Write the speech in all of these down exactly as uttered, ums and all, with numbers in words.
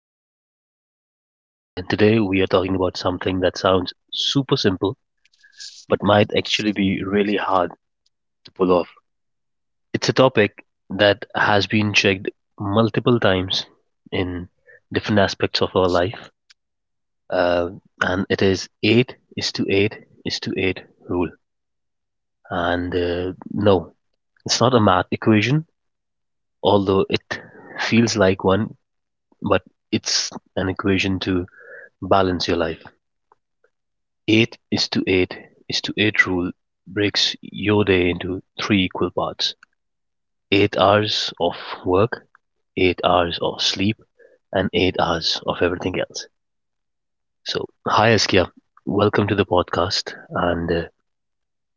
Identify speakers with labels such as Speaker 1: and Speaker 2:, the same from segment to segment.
Speaker 1: Askia with me, and uh, today we are talking about something that sounds super simple but might actually be really hard to pull off. It's a topic that has been checked multiple times in different aspects of our life, uh, and it is eight is to eight is to eight rule. And uh, no, it's not a math equation, although it feels like one, but it's an equation to balance your life. Eight is to eight is to eight rule breaks your day into three equal parts. Eight hours of work, eight hours of sleep, and eight hours of everything else. So, hi Askia, welcome to the podcast. And uh,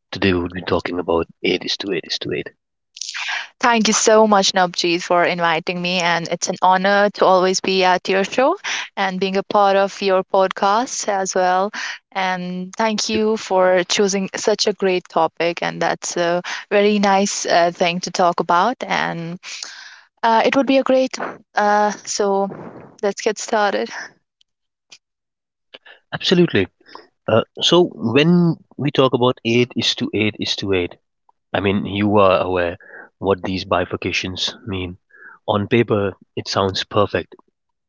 Speaker 1: today we'll be talking about eight is to eight is to eight.
Speaker 2: Thank you so much, Navjeet, for inviting me. And it's an honor to always be at your show and being a part of your podcast as well. And thank
Speaker 1: Thank you.
Speaker 2: you for choosing such a great topic. And that's a very nice uh, thing to talk about. And uh, it would be a great. Uh, so let's get started.
Speaker 1: Absolutely. Uh, so, when we talk about eight is to eight is to eight, I mean, you are aware what these bifurcations mean. On paper, it sounds perfect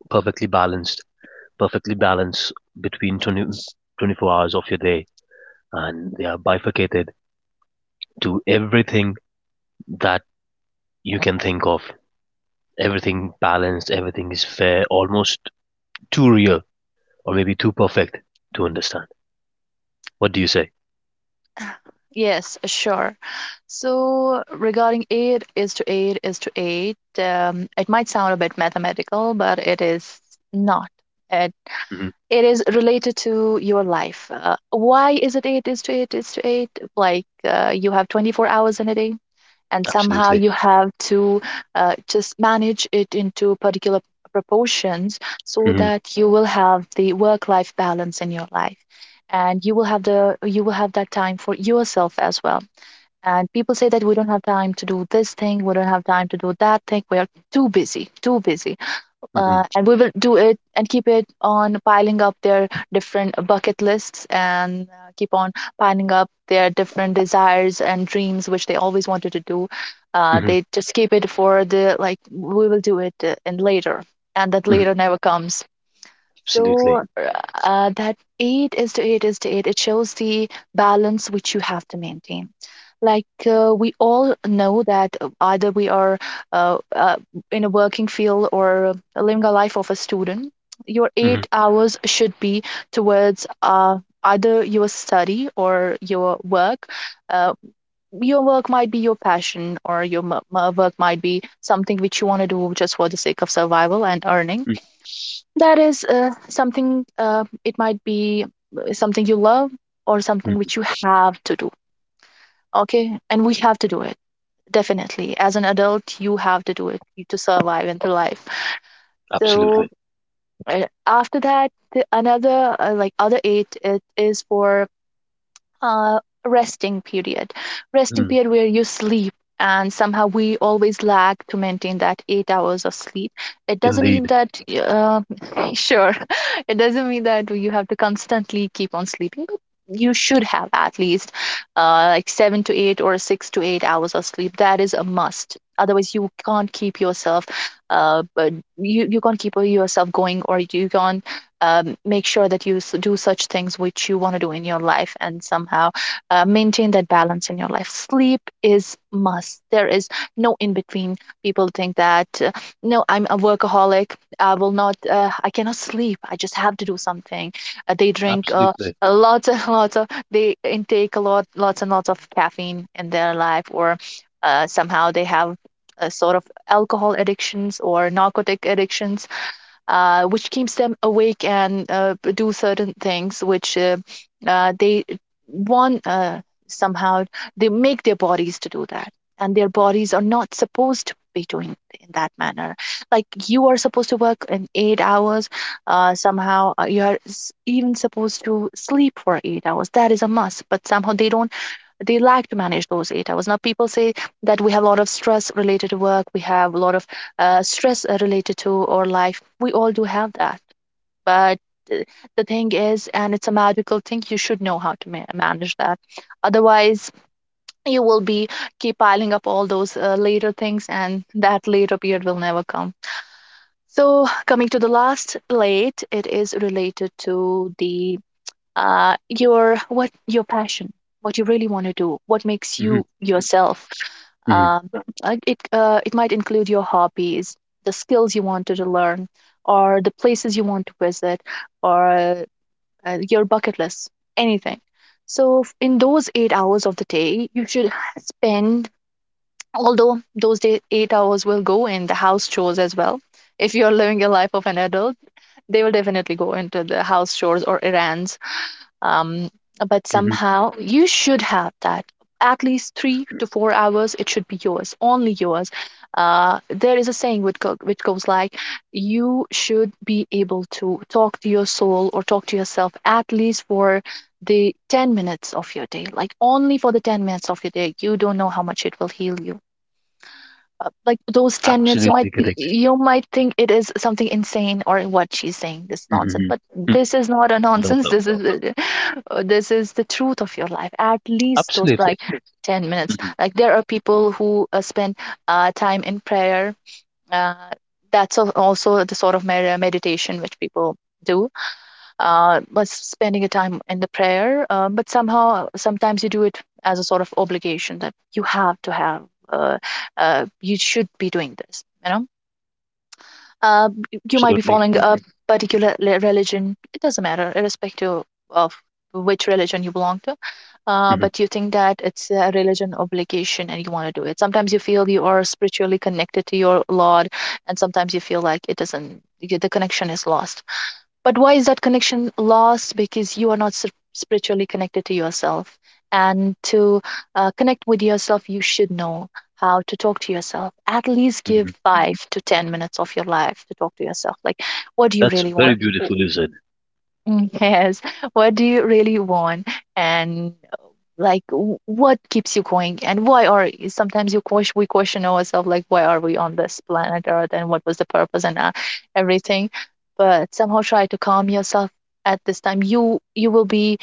Speaker 1: perfectly balanced, perfectly balanced between twenty twenty-four hours of your day, and they are bifurcated to everything that you can think of. Everything balanced, everything is fair, almost too real or maybe too perfect to understand. What do you say?
Speaker 2: Yes, sure. So regarding eight is to eight is to eight, um, it might sound a bit mathematical, but it is not. It,
Speaker 1: Hmm.
Speaker 2: it is related to your life. Uh, why is it eight is to eight is to eight? Like uh, you have twenty-four hours in a day, and somehow
Speaker 1: Absolutely.
Speaker 2: you have to uh, just manage it into particular proportions so
Speaker 1: Hmm.
Speaker 2: that you will have the work-life balance in your life. And you will have the you will have that time for yourself as well. And people say that we don't have time to do this thing, we don't have time to do that thing. We are too busy, too busy. Uh,
Speaker 1: Hmm.
Speaker 2: and we will do it and keep it on piling up their different bucket lists and uh, keep on piling up their different desires and dreams, which they always wanted to do. Uh,
Speaker 1: Hmm.
Speaker 2: they just keep it for the, like, we will do it uh, and later. And that
Speaker 1: Hmm.
Speaker 2: later never comes.
Speaker 1: Absolutely.
Speaker 2: So uh, that eight is to eight is to eight. It shows the balance which you have to maintain. Like uh, we all know that uh, either we are uh, uh, in a working field or living a life of a student, your
Speaker 1: Hmm.
Speaker 2: eight hours should be towards uh, either your study or your work. Uh, your work might be your passion, or your m- m- work might be something which you want to do just for the sake of survival and earning. That is uh, something, uh, it might be uh, something you love or something
Speaker 1: Hmm.
Speaker 2: which you have to do. Okay. And we have to do it. Definitely. As an adult, you have to do it to survive and to live. So
Speaker 1: Absolutely.
Speaker 2: uh, after that, the another, uh, like other eight, it is for uh, resting period, resting
Speaker 1: Hmm.
Speaker 2: period where you sleep. And somehow we always lag to maintain that eight hours of sleep. It doesn't mean
Speaker 1: Indeed.
Speaker 2: that uh, sure it doesn't mean that you have to constantly keep on sleeping, but you should have at least uh, like seven to eight or six to eight hours of sleep. That is a must, otherwise you can't keep yourself. Uh, but you, you can't keep yourself going, or you can't um, make sure that you do such things which you want to do in your life and somehow uh, maintain that balance in your life. Sleep is must. There is no in between. People think that uh, no, I'm a workaholic, I will not uh, I cannot sleep, I just have to do something. Uh, they drink uh,
Speaker 1: Absolutely.
Speaker 2: uh, lots and lots of, they intake a lot lots and lots of caffeine in their life, or uh, somehow they have a sort of alcohol addictions or narcotic addictions, uh, which keeps them awake and uh, do certain things which uh, uh, they want, uh, somehow they make their bodies to do that, and their bodies are not supposed to be doing in that manner. Like, you are supposed to work in eight hours, uh, somehow uh, you are s- even supposed to sleep for eight hours. That is a must, but somehow they don't. They like to manage those eight hours. Now, people say that we have a lot of stress related to work, we have a lot of uh, stress uh, related to our life. We all do have that. But uh, the thing is, and it's a magical thing, you should know how to ma- manage that. Otherwise, you will be keep piling up all those uh, later things, and that later period will never come. So, coming to the last plate, it is related to the uh, your, what your passion, what you really want to do, what makes
Speaker 1: Hmm.
Speaker 2: you yourself.
Speaker 1: Hmm.
Speaker 2: um, like, it uh, it might include your hobbies, the skills you wanted to learn, or the places you want to visit, or uh, your bucket list, anything. So f- in those eight hours of the day you should spend, although those day, eight hours will go in the house chores as well. If you're living a life of an adult, they will definitely go into the house chores or errands. um, but
Speaker 1: Hmm.
Speaker 2: somehow you should have that at least three to four hours. It should be yours, only yours. Uh, there is a saying which, go- which goes like, you should be able to talk to your soul or talk to yourself at least for the ten minutes of your day. Like, only for the ten minutes of your day, you don't know how much it will heal you. Uh, like those ten minutes, you might
Speaker 1: Absolutely correct.
Speaker 2: you might think it is something insane or what she's saying this nonsense.
Speaker 1: Hmm.
Speaker 2: But this is not a
Speaker 1: No,
Speaker 2: nonsense.
Speaker 1: no.
Speaker 2: this is a- uh, this is the truth of your life, at least those
Speaker 1: Absolutely.
Speaker 2: like ten minutes.
Speaker 1: Mhm.
Speaker 2: Like there are people who uh, spend uh, time in prayer. uh, that's al- also the sort of med- meditation which people do, uh, was spending a time in the prayer. Um, but somehow, sometimes you do it as a sort of obligation that you have to have, uh, uh, you should be doing this, you know. Uh, you might be
Speaker 1: Absolutely.
Speaker 2: following a Mhm. particular religion, it doesn't matter, irrespective of which religion you belong to. Uh,
Speaker 1: Mhm,
Speaker 2: but you think that it's a religion obligation and you want to do it. Sometimes you feel you are spiritually connected to your Lord, and sometimes you feel like it doesn't, the connection is lost. But why is that connection lost? Because you are not spiritually connected to yourself, and to uh, connect with yourself, you should know how to talk to yourself, at least give
Speaker 1: mhm.
Speaker 2: five to ten minutes of your life to talk to yourself, like, what do you
Speaker 1: That's
Speaker 2: really want?
Speaker 1: very beautifully said.
Speaker 2: Mm, yes, what do you really want, and, like, w- what keeps you going? And why are y- sometimes you question, we question ourselves, like, why are we on this planet earth and what was the purpose and uh, everything. But somehow try to calm yourself at this time. You you will be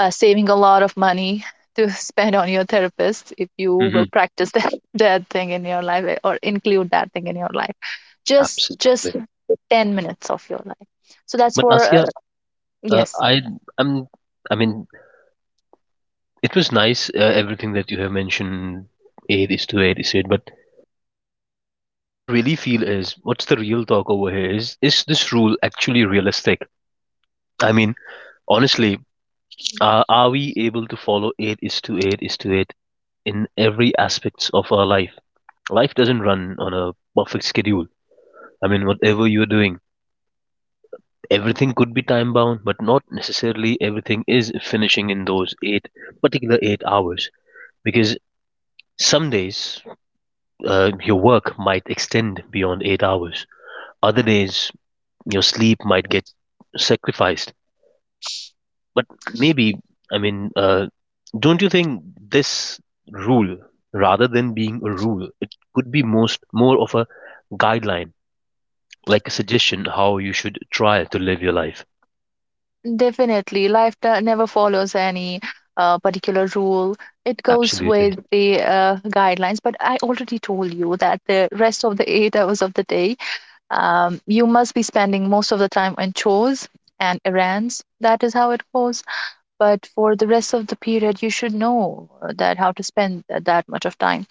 Speaker 2: uh, saving a lot of money to spend on your therapist if you will
Speaker 1: Mhm.
Speaker 2: practice that, that thing in your life, uh, or include that thing in your life, just
Speaker 1: Absolutely.
Speaker 2: just ten minutes of your life. So that's
Speaker 1: But
Speaker 2: for uh,
Speaker 1: Asya, uh,
Speaker 2: yes.
Speaker 1: I I'm I mean, it was nice uh, everything that you have mentioned. Eight is to eight is eight. But what I really feel is, what's the real talk over here is, is this rule actually realistic? I mean, honestly, uh, are we able to follow eight is to eight is to eight in every aspects of our life? Life doesn't run on a perfect schedule. I mean, whatever you're doing. Everything could be time bound, but not necessarily everything is finishing in those eight particular eight hours. Because some days uh, your work might extend beyond eight hours, other days your sleep might get sacrificed. But maybe, I mean, uh, don't you think this rule, rather than being a rule, it could be most more of a guideline, like a suggestion how you should try to live your life?
Speaker 2: Definitely, life do- never follows any uh, particular rule. It goes with
Speaker 1: Absolutely,
Speaker 2: the uh, guidelines. But I already told you that the rest of the eight hours of the day, um, you must be spending most of the time on chores and errands. That is how it goes. But for the rest of the period, you should know that how to spend that that much of time.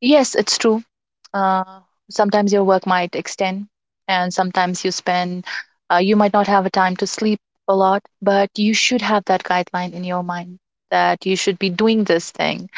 Speaker 2: Yes, it's true. uh, Sometimes your work might extend, and sometimes you spend, uh, you might not have a time to sleep a lot, but you should have that guideline in your mind that you should be doing this thing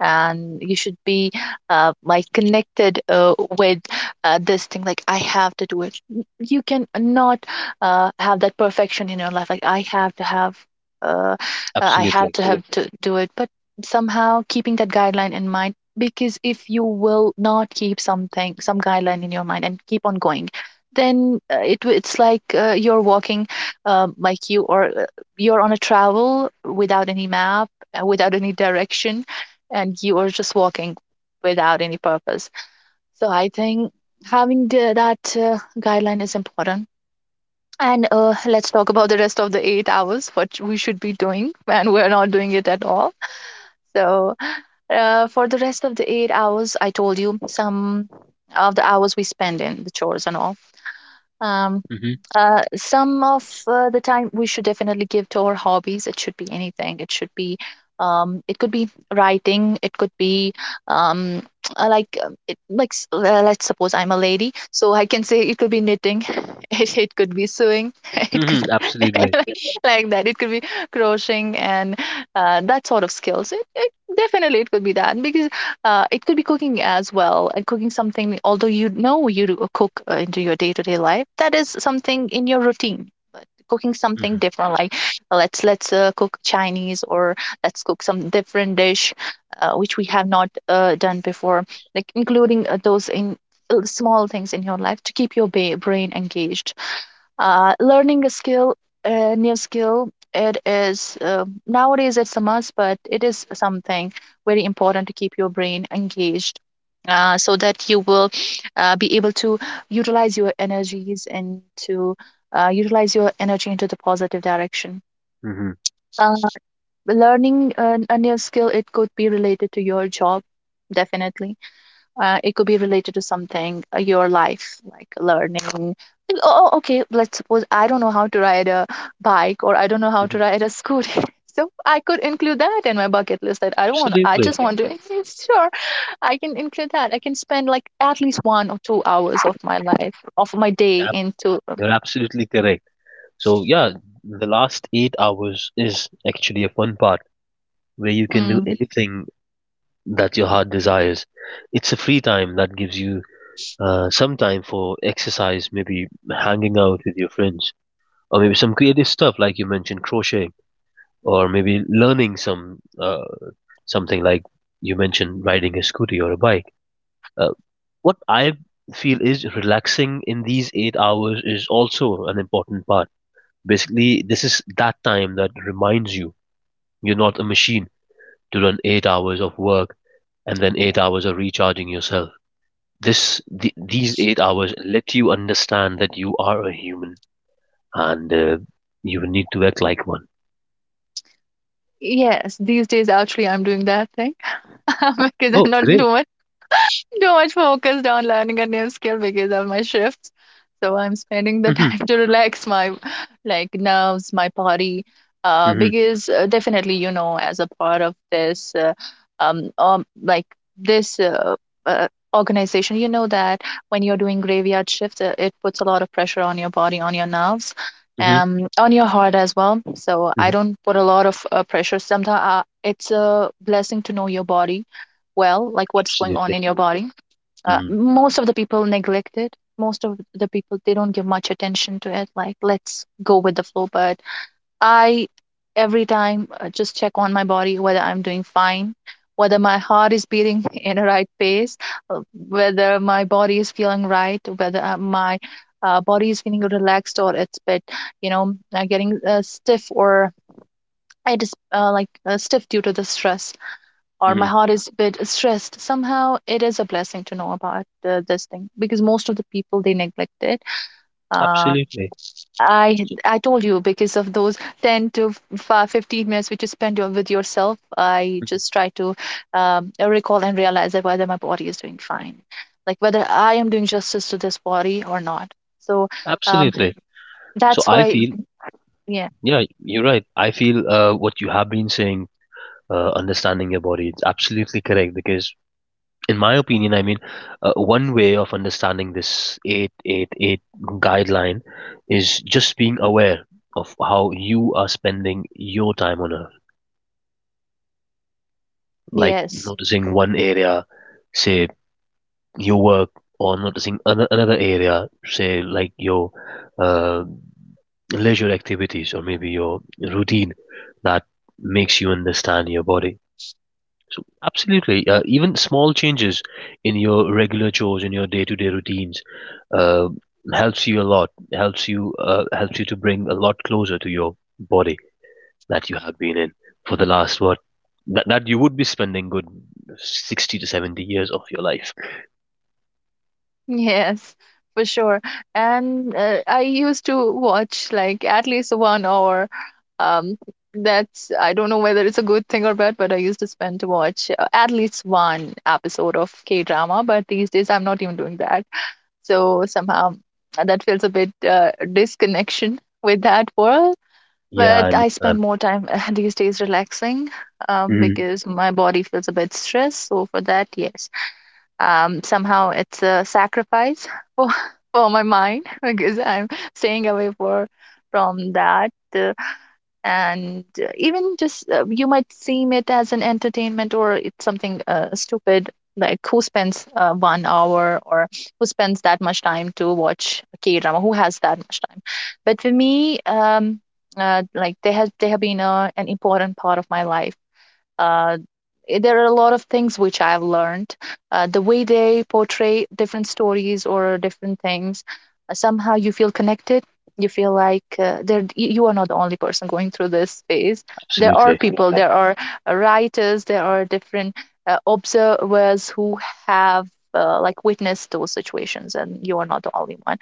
Speaker 2: and you should be uh, like connected uh, with uh, this thing, like I have to do it. You can not uh, have that perfection in your life, like I have to have uh, I have
Speaker 1: absolutely.
Speaker 2: to have to do it, but somehow keeping that guideline in mind. Because if you will not keep something some guideline in your mind and keep on going, then uh, it w- it's like uh, you're walking, um, like you or uh, you're on a travel without any map, uh, without any direction, and you are just walking without any purpose. So I think having the, that uh, guideline is important. And uh, let's talk about the rest of the eight hours, what we should be doing, and we're not doing it at all. So, uh, for the rest of the eight hours, I told you some of the hours we spend in the chores and all. um,
Speaker 1: Mhm.
Speaker 2: uh, some of uh, the time we should definitely give to our hobbies. It should be anything, it should be, um, it could be writing, it could be, um, uh, like um, it, like s- uh, let's suppose I'm a lady, so I can say it could be knitting, it, it could be sewing, it could,
Speaker 1: Mhm, absolutely.
Speaker 2: like that, it could be crocheting, and uh, that sort of skills, it, it definitely, it could be that, because uh, it could be cooking as well. And cooking something, although you know, you do cook uh, into your day to day life, that is something in your routine. But cooking something
Speaker 1: Mhm,
Speaker 2: different, like, let's let's uh, cook Chinese, or let's cook some different dish, uh, which we have not uh, done before, like including uh, those in uh, small things in your life to keep your ba- brain engaged. Uh, learning a skill, a new skill, it is, uh, nowadays it's a must, but it is something very important to keep your brain engaged, uh, so that you will uh, be able to utilize your energies, and to uh, utilize your energy into the positive direction.
Speaker 1: mhm,
Speaker 2: uh, Learning a, a new skill, it could be related to your job, definitely. Uh, it could be related to something, uh, your life, like learning. Like, Oh, oh, okay, let's suppose I don't know how to ride a bike, or I don't know how to
Speaker 1: mhm.
Speaker 2: ride a scooter. So I could include that in my bucket list, that I don't want, I
Speaker 1: Absolutely.
Speaker 2: just want to, sure, I can include that. I can spend like at least one or two hours of my life, of my day
Speaker 1: Yep,
Speaker 2: into, um,
Speaker 1: you're absolutely correct. So yeah, the last eight hours is actually a fun part where you can do
Speaker 2: mm,
Speaker 1: anything that your heart desires. It's a free time that gives you uh, some time for exercise, maybe hanging out with your friends, or maybe some creative stuff like you mentioned crocheting, or maybe learning some uh, something like you mentioned riding a scooter or a bike. Uh, What I feel is relaxing in these eight hours is also an important part. Basically, this is that time that reminds you you're not a machine to run eight hours of work and then eight hours of recharging yourself. This the, these eight hours let you understand that you are a human and uh, you need to act like one.
Speaker 2: yes, these days actually I'm doing that thing, because I'm
Speaker 1: Oh,
Speaker 2: not
Speaker 1: great!
Speaker 2: doing too much focused on learning a new skill because of my shifts. So I'm spending the
Speaker 1: Hmm.
Speaker 2: time to relax my, like, nerves, my body, uh,
Speaker 1: Hmm.
Speaker 2: because uh, definitely, you know, as a part of this, uh, um, um, like this. Uh, uh, Organization, you know, that when you're doing graveyard shifts, uh, it puts a lot of pressure on your body, on your nerves,
Speaker 1: Hmm.
Speaker 2: um on your heart as well. So I
Speaker 1: Hmm.
Speaker 2: don't put a lot of uh, pressure. Sometimes uh, it's a blessing to know your body well, like what's going on
Speaker 1: Absolutely.
Speaker 2: in your body. Uh,
Speaker 1: Hmm.
Speaker 2: most of the people neglect it. Most of the people, they don't give much attention to it, like, let's go with the flow. But I every time uh, just check on my body, whether I'm doing fine, whether my heart is beating in a right pace, uh, whether my body is feeling right, whether uh, my uh, body is feeling relaxed, or it's bit, you know, uh, getting uh, stiff, or it is, uh, like uh, stiff due to the stress, or my
Speaker 1: Hmm.
Speaker 2: heart is a bit stressed somehow. It is a blessing to know about uh, this thing, because most of the people, they neglect it. uh,
Speaker 1: Absolutely.
Speaker 2: i
Speaker 1: So-
Speaker 2: i told you, because of those ten to five, fifteen minutes which you spend your- with yourself, I
Speaker 1: mhm.
Speaker 2: just try to um, recall and realize that whether my body is doing fine, like whether I am doing justice to this body or not. So um,
Speaker 1: Absolutely. So
Speaker 2: that's
Speaker 1: I
Speaker 2: why.
Speaker 1: feel
Speaker 2: Yeah.
Speaker 1: Yeah, you're right. I feel uh, what you have been saying, uh, understanding your body, it's absolutely correct because, in my opinion, I mean, uh, one way of understanding this eight eight eight guideline is just being aware of how you are spending your time on earth, like
Speaker 2: Yes,
Speaker 1: noticing one area, say your work, or noticing ano- another area, say like your uh, leisure activities or maybe your routine that makes you understand your body. So absolutely, uh, even small changes in your regular chores in your day-to-day routines uh, helps you a lot. Helps you uh, helps you to bring a lot closer to your body that you have been in for the last what that that you would be spending good sixty to seventy years of your life.
Speaker 2: yes, for sure. And uh, I used to watch like at least one hour. Um, that's, I don't know whether it's a good thing or bad, but I used to spend to watch uh, at least one episode of K-drama. But these days I'm not even doing that. So somehow uh, that feels a bit uh, disconnection with that world.
Speaker 1: Yeah,
Speaker 2: But
Speaker 1: I
Speaker 2: I
Speaker 1: understand.
Speaker 2: spend more time uh, these days relaxing, um,
Speaker 1: Mhm.
Speaker 2: because my body feels a bit stressed. So for that, yes, um, somehow it's a sacrifice for, for my mind, because I'm staying away for from that. Uh, and uh, even just, uh, you might seem it as an entertainment, or it's something uh, stupid, like who spends uh, one hour, or who spends that much time to watch a K drama? Who has that much time? But for me, um, uh, like they have they have been uh, an important part of my life. uh, eh, there are a lot of things which I've learned. Uh, the way they portray different stories or different things, uh, somehow you feel connected. You feel like, uh, there y- you are not the only person going through this phase. There are
Speaker 1: Absolutely.
Speaker 2: people, there are uh, writers, there are different uh, observers who have uh, like witnessed those situations, and you are not the only one.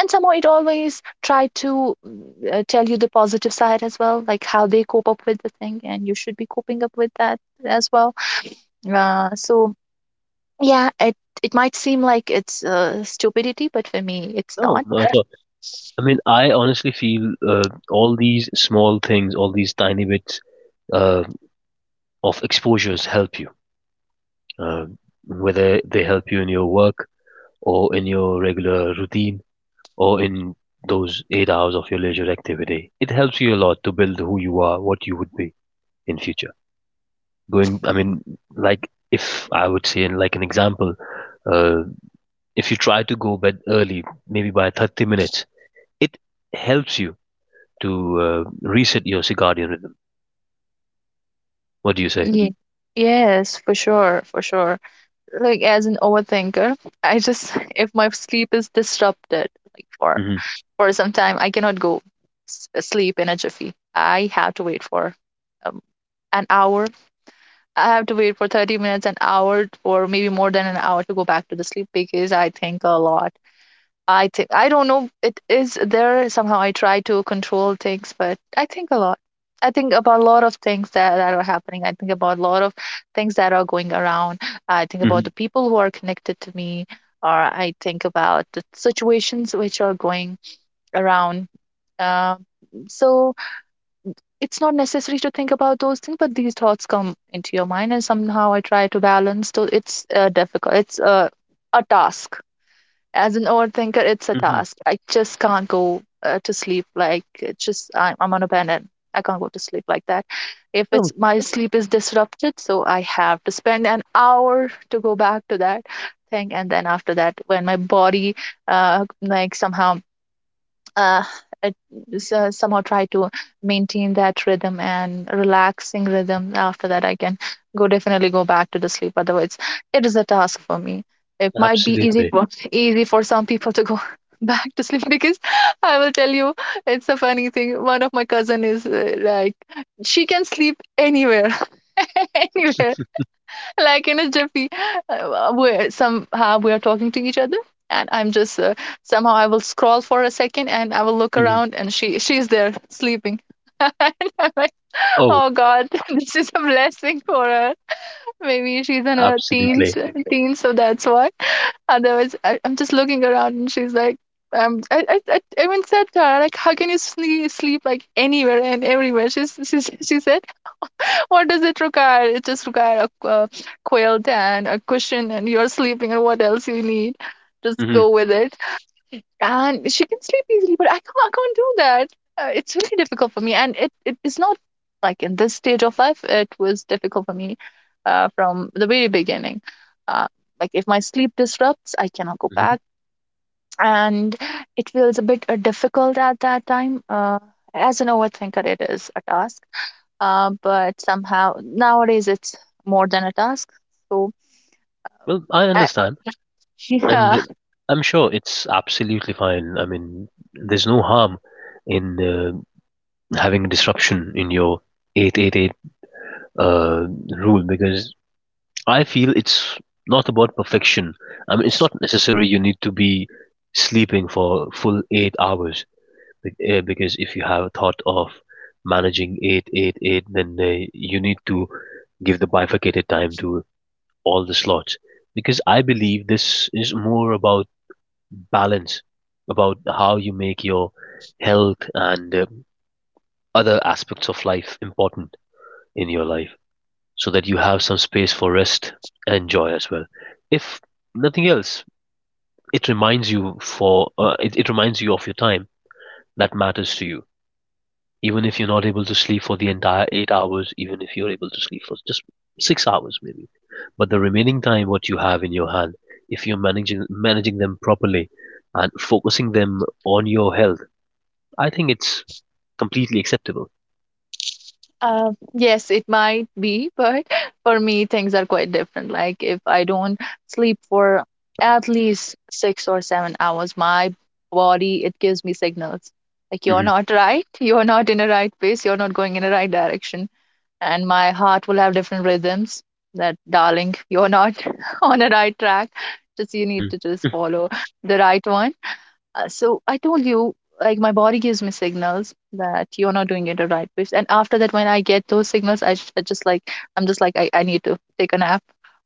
Speaker 2: And somehow it always try to, mm, uh, tell you the positive side as well, like how they cope up with the thing, and you should be coping up with that as well. Uh, so yeah, it it might seem like it's uh, stupidity, but for me, it's
Speaker 1: No,
Speaker 2: not.
Speaker 1: not at all. I mean, I honestly feel uh, all these small things, all these tiny bits uh, of exposures help you uh, whether they help you in your work or in your regular routine or in those eight hours of your leisure activity. It helps you a lot to build who you are, what you would be in future. Going, I mean, like if I would say, in like an example, uh, if you try to go bed early, maybe by thirty minutes, it helps you to uh, reset your circadian rhythm. What do you say?
Speaker 2: Ye- Yes, for sure, for sure. Like, as an overthinker, I just, if my sleep is disrupted, like for
Speaker 1: Hmm.
Speaker 2: for some time, I cannot go s- sleep in a jiffy. I have to wait for um, an hour. I have to wait for thirty minutes, an hour, or maybe more than an hour to go back to the sleep, because I think a lot. I think, I don't know. It is there somehow. I try to control things, but I think a lot. I think about a lot of things that, that are happening. I think about a lot of things that are going around. I think about
Speaker 1: Hmm.
Speaker 2: the people who are connected to me, or I think about the situations which are going around. Um, so it's not necessary to think about those things, but these thoughts come into your mind, and somehow I try to balance. So it's uh, difficult, it's uh, a task. As an overthinker, it's a
Speaker 1: Hmm.
Speaker 2: task. I just can't go uh, to sleep, like, it's just, I'm, I'm on a bed, and I can't go to sleep like that. If it's,
Speaker 1: Oh,
Speaker 2: my sleep is disrupted, so I have to spend an hour to go back to that thing. And then after that, when my body, uh, like somehow, uh, uh, s- uh, somehow try to maintain that rhythm and relaxing rhythm, after that I can go, definitely go back to the sleep. Otherwise it is a task for me. It might be easy
Speaker 1: absolutely.
Speaker 2: for easy for some people to go back to sleep, because I will tell you, it's a funny thing. One of my cousin is uh, like, she can sleep anywhere, anywhere, like in a jiffy. Uh, we're Somehow we are talking to each other, and I'm just, uh, somehow I will scroll for a second, and I will look
Speaker 1: Hmm.
Speaker 2: around, and she she's there sleeping, and I'm like,
Speaker 1: Oh,
Speaker 2: oh God, this is a blessing for her. Maybe she's in her teens.
Speaker 1: absolutely.
Speaker 2: Absolutely. Teens, so that's why. Otherwise, I, I'm just looking around, and she's like. Um, I, I, I even said to her, like, how can you sleep, sleep like anywhere and everywhere? She's, she's, she said, what does it require? It just require a, a quilt and a cushion, and you're sleeping, and what else you need? Just
Speaker 1: Hmm.
Speaker 2: go with it. And she can sleep easily, but I can't. I can't do that. Uh, it's really difficult for me, and it, it is not like in this stage of life. It was difficult for me uh, from the very beginning. Uh, like, if my sleep disrupts, I cannot go back, and it feels a bit uh, difficult at that time. Uh, as an overthinker, it is a task, uh, but somehow nowadays it's more than a task. So
Speaker 1: Well, I
Speaker 2: I,
Speaker 1: understand, and
Speaker 2: yeah,
Speaker 1: it- I'm sure it's absolutely fine. I mean, there's no harm in uh, having a disruption in your eight eight eight uh, rule because I feel it's not about perfection. I mean, it's not necessary you need to be sleeping for full eight hours be- uh, because if you have thought of managing eight eight eight, then uh, you need to give the bifurcated time to all the slots because I believe this is more about balance, about how you make your health and uh, other aspects of life important in your life so that you have some space for rest and joy as well. If nothing else, it reminds you for uh, it, it reminds you of your time that matters to you, even if you're not able to sleep for the entire eight hours, even if you're able to sleep for just six hours maybe, but the remaining time what you have in your hand, if you're managing managing them properly and focusing them on your health, I think it's completely acceptable.
Speaker 2: uh, yes, it might be, but for me things are quite different. Like if I don't sleep for at least six or seven hours, my body, it gives me signals, like you're
Speaker 1: Hmm.
Speaker 2: not right, you're not in the right place, you're not going in the right direction, and my heart will have different rhythms. That darling, you're not on the right track. Just you need
Speaker 1: Hmm.
Speaker 2: to just follow the right one. Uh, so I told you, like, my body gives me signals that you're not doing it the right way. And after that, when I get those signals, I, j- I just, like, I'm just like, I, I need to take a nap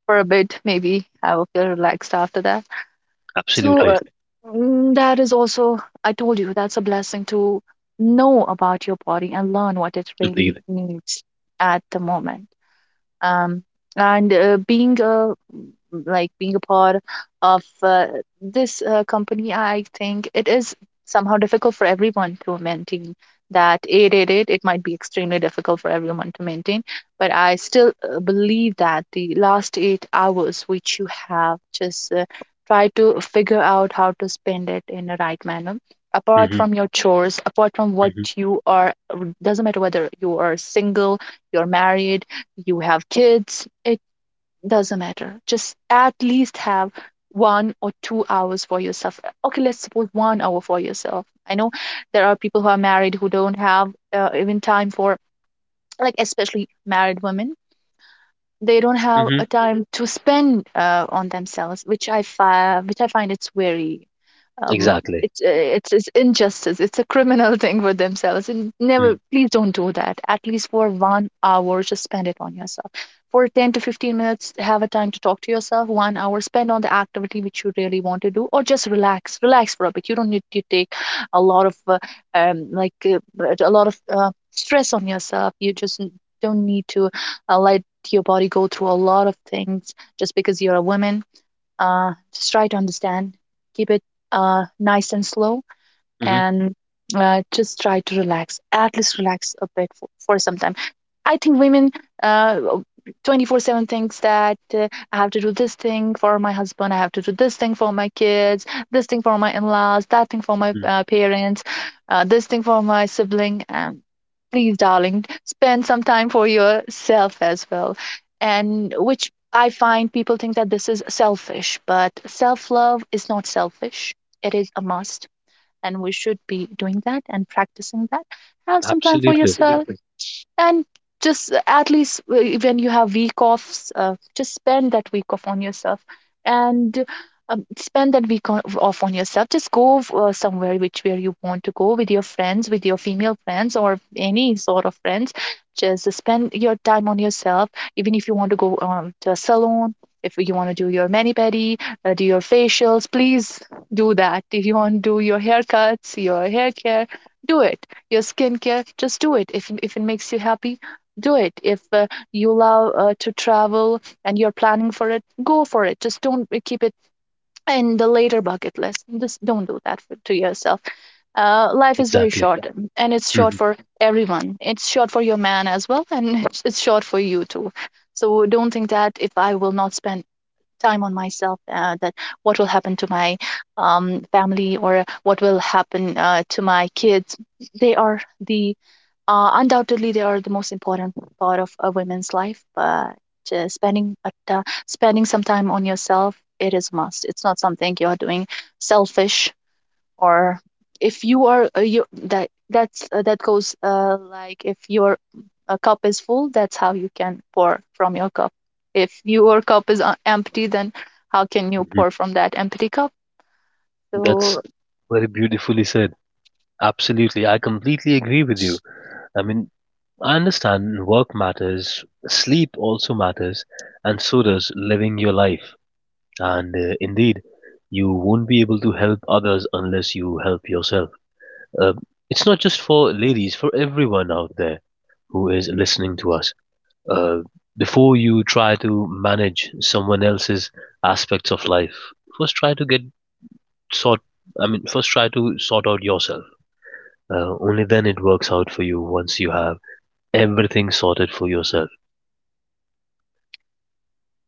Speaker 2: for a bit. Maybe I will feel relaxed after that. So,
Speaker 1: Absolutely.
Speaker 2: uh, mm, that is also, I told you, that's a blessing to know about your body and learn what it really
Speaker 1: Indeed.
Speaker 2: needs at the moment. um, and uh, being a, like being a part of uh, this uh, company, I think it is somehow difficult for everyone to maintain that eight eight eight. It might be extremely difficult for everyone to maintain, but I still uh, believe that the last eight hours which you have, just uh, try to figure out how to spend it in a right manner, apart
Speaker 1: Hmm.
Speaker 2: from your chores, apart from what
Speaker 1: Hmm.
Speaker 2: you are, doesn't matter whether you are single, you're married, you have kids, it doesn't matter. Just at least have one or two hours for yourself. Okay, let's suppose one hour for yourself. I know there are people who are married who don't have uh, even time for, like, especially married women, they don't have
Speaker 1: Hmm.
Speaker 2: a time to spend uh, on themselves, which I fi- which I find it's very, um,
Speaker 1: Exactly.
Speaker 2: it's, uh, it's it's injustice. It's a criminal thing for themselves, and never please don't do that. At least for one hour, just spend it on yourself. For ten to fifteen minutes, have a time to talk to yourself. One hour spend on the activity which you really want to do, or just relax, relax for a bit. You don't need to take a lot of uh, um, like uh, a lot of uh, stress on yourself. You just n- don't need to uh, like your body go through a lot of things just because you're a woman. Uh, just try to understand. Keep it uh, nice and slow
Speaker 1: Mm-hmm.
Speaker 2: and uh, just try to relax, at least relax a bit for, for some time. I think women uh, twenty four seven thinks that uh, I have to do this thing for my husband, I have to do this thing for my kids, this thing for my in-laws, that thing for my
Speaker 1: Hmm.
Speaker 2: uh, parents, uh, this thing for my sibling. Um, please, darling, spend some time for yourself as well. And which I find people think that this is selfish, but self-love is not selfish. It is a must and we should be doing that and practicing that. Have some time for
Speaker 1: Absolutely.
Speaker 2: yourself and just uh, at least w- when you have week offs uh, just spend that week off on yourself and um, spend that week on, off on yourself, just go uh, somewhere which where you want to go with your friends, with your female friends or any sort of friends. Just spend your time on yourself, even if you want to go um, to a salon. If you want to do your mani pedi, uh, do your facials, please do that. If you want to do your haircuts, your hair care, do it. Your skincare, just do it if, if it makes you happy, do it. If uh, you love uh, to travel and you're planning for it, go for it. Just don't uh, keep it in the later bucket list. Just don't do that for, to yourself. Uh, life is very
Speaker 1: Exactly.
Speaker 2: short, yeah, um, and it's short
Speaker 1: Hmm.
Speaker 2: for everyone. It's short for your man as well, and it's, it's short for you too. So don't think that if I will not spend time on myself, uh, that what will happen to my um, family, or what will happen uh, to my kids. They are the uh, undoubtedly, they are the most important part of a woman's life, but uh, spending a t- spending some time on yourself, it is a must. It's not something you are doing selfish, or if you are uh, you that that's uh, that goes uh, like, if your uh, cup is full, that's how you can pour from your cup. If your cup is uh, empty, then how can you
Speaker 1: Hmm.
Speaker 2: pour from that empty cup?
Speaker 1: That's
Speaker 2: So
Speaker 1: very beautifully said. Absolutely. I completely agree with you. I mean, I understand work matters, sleep also matters, and so does living your life. And uh, indeed, you won't be able to help others unless you help yourself. Uh, it's not just for ladies, for everyone out there who is listening to us. Uh, Before you try to manage someone else's aspects of life, first try to get sort. I mean, first try to sort out yourself. Uh, only then it works out for you. Once you have everything sorted for yourself.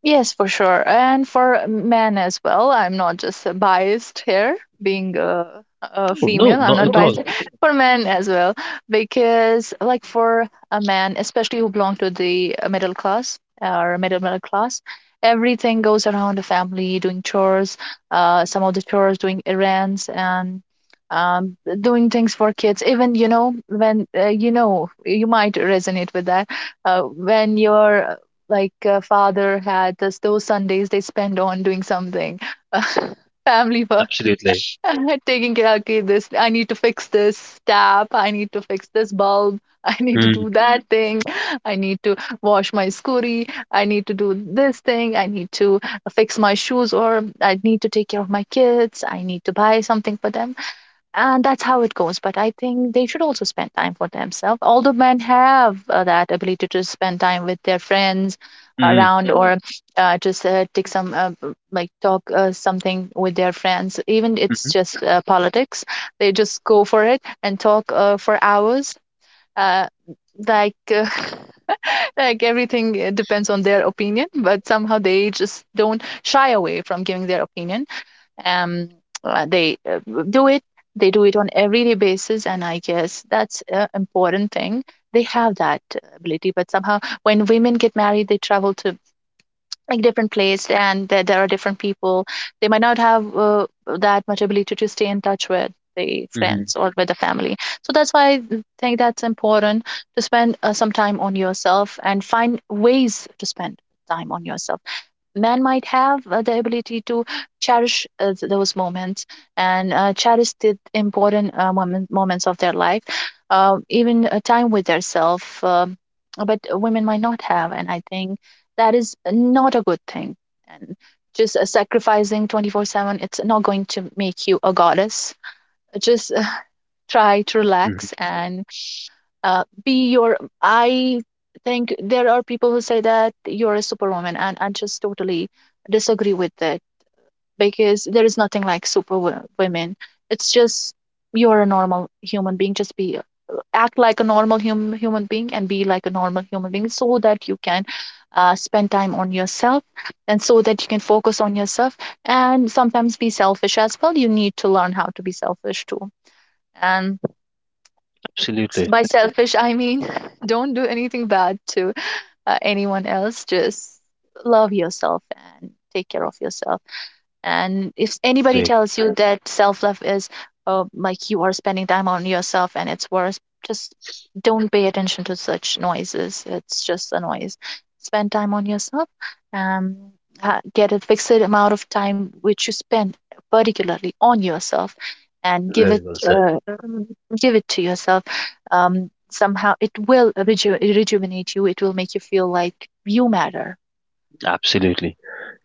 Speaker 2: yes, for sure. And for men as well, I'm not just uh, biased here. Being a, a
Speaker 1: No, no,
Speaker 2: female, I'm
Speaker 1: not
Speaker 2: not
Speaker 1: at
Speaker 2: biased
Speaker 1: all.
Speaker 2: for men as well. Because, like, for a man, especially who belong to the uh, middle class or middle middle class, everything goes around the family, doing chores, uh, some of the chores, doing errands, and um, doing things for kids. Even, you know, when uh, you know, you might resonate with that, uh, when your like uh, father had this, those Sundays they spend on doing something, uh, family work,
Speaker 1: Absolutely.
Speaker 2: taking care. Okay, this, I need to fix this tap. I need to fix this bulb. I need to do
Speaker 1: Mm,
Speaker 2: that thing. I need to wash my scurry. I need to do this thing. I need to fix my shoes, or I need to take care of my kids. I need to buy something for them. And that's how it goes, but I think they should also spend time for themselves. Although men have uh, that ability to spend time with their friends
Speaker 1: mm,
Speaker 2: around. Mm-hmm. Or uh, just uh, take some uh, b- like talk uh, something with their friends, even it's
Speaker 1: mm,
Speaker 2: just uh, politics. They just go for it and talk uh, for hours, uh, like uh, like, everything uh, depends on their opinion, but somehow they just don't shy away from giving their opinion. Um, uh, they uh, Do it, they do it on everyday basis, and I guess that's an important thing. They have that ability, but somehow when women get married, they travel to like different place, and there, there are different people. They might not have uh, that much ability to stay in touch with the
Speaker 1: mm,
Speaker 2: friends or with the family. So that's why I think that's important to spend uh, some time on yourself, and find ways to spend time on yourself. Man might have uh, the ability to cherish uh, th- those moments, and uh, cherish the important uh, moment, moments of their life, uh, even uh, time with themselves. Um but women might not have, and I think that is not a good thing. And just uh, sacrificing twenty four seven, it's not going to make you a goddess. Just uh, try to
Speaker 1: mm,
Speaker 2: relax and uh, be your I think there are people who say that you're a superwoman, and I just totally disagree with that, because there is nothing like superwomen. It's just you're a normal human being. Just be uh, act like a normal hum, human being, and be like a normal human being, so that you can uh, spend time on yourself, and so that you can focus on yourself, and sometimes be selfish as well. You need to learn how to be selfish too. And
Speaker 1: absolutely.
Speaker 2: by selfish I mean don't do anything bad to uh, anyone else. Just love yourself and take care of yourself. And if anybody
Speaker 1: Great.
Speaker 2: tells you that self love is uh, like you are spending time on yourself and it's worse, just don't pay attention to such noises. It's just a noise. Spend time on yourself. Um, ha- get a fixed amount of time which you spend particularly on yourself, and give it
Speaker 1: Very well said.
Speaker 2: uh, um, give it to yourself. Um, somehow it will reju- rejuvenate you. It will make you feel like you matter.
Speaker 1: Absolutely.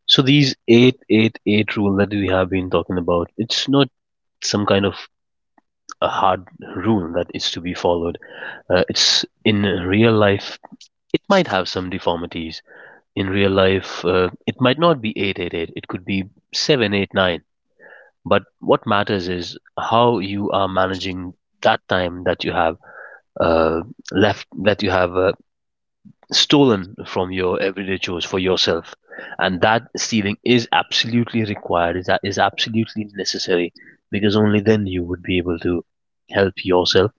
Speaker 1: So these eight eight eight rule that we have been talking about, it's not some kind of a hard rule that is to be followed. Uh, it's in real life. It might have some deformities. In real life, uh, it might not be eight eight eight. It could be seven eight nine. But what matters is how you are managing that time that you have uh, left, that you have uh, stolen from your everyday chores for yourself, and that stealing is absolutely required, is that is absolutely necessary, because only then you would be able to help yourself,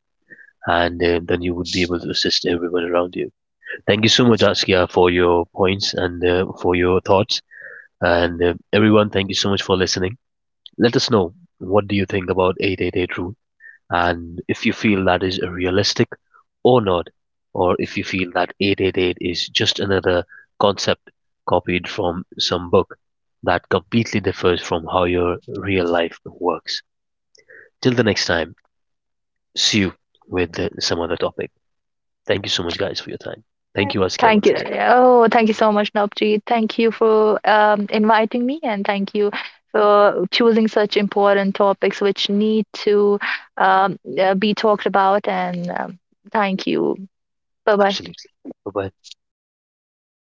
Speaker 1: and uh, then you would be able to assist everyone around you. Thank you so much, Askia, for your points and uh, for your thoughts, and uh, everyone, thank you so much for listening. Let us know, what do you think about eight eight eight rule, and if you feel that is realistic or not, or if you feel that eight eight eight is just another concept copied from some book that completely differs from how your real life works. Till the next time, see you with uh, some other topic. Thank you so much, guys, for your time. Thank you, Askia,
Speaker 2: Thank
Speaker 1: once
Speaker 2: you.
Speaker 1: again.
Speaker 2: Oh, thank you so much, Navjeet. Thank you for um, inviting me, and thank you for choosing such important topics which need to um, uh, be talked about. And um, thank you. Bye bye.
Speaker 1: Absolutely. Bye bye.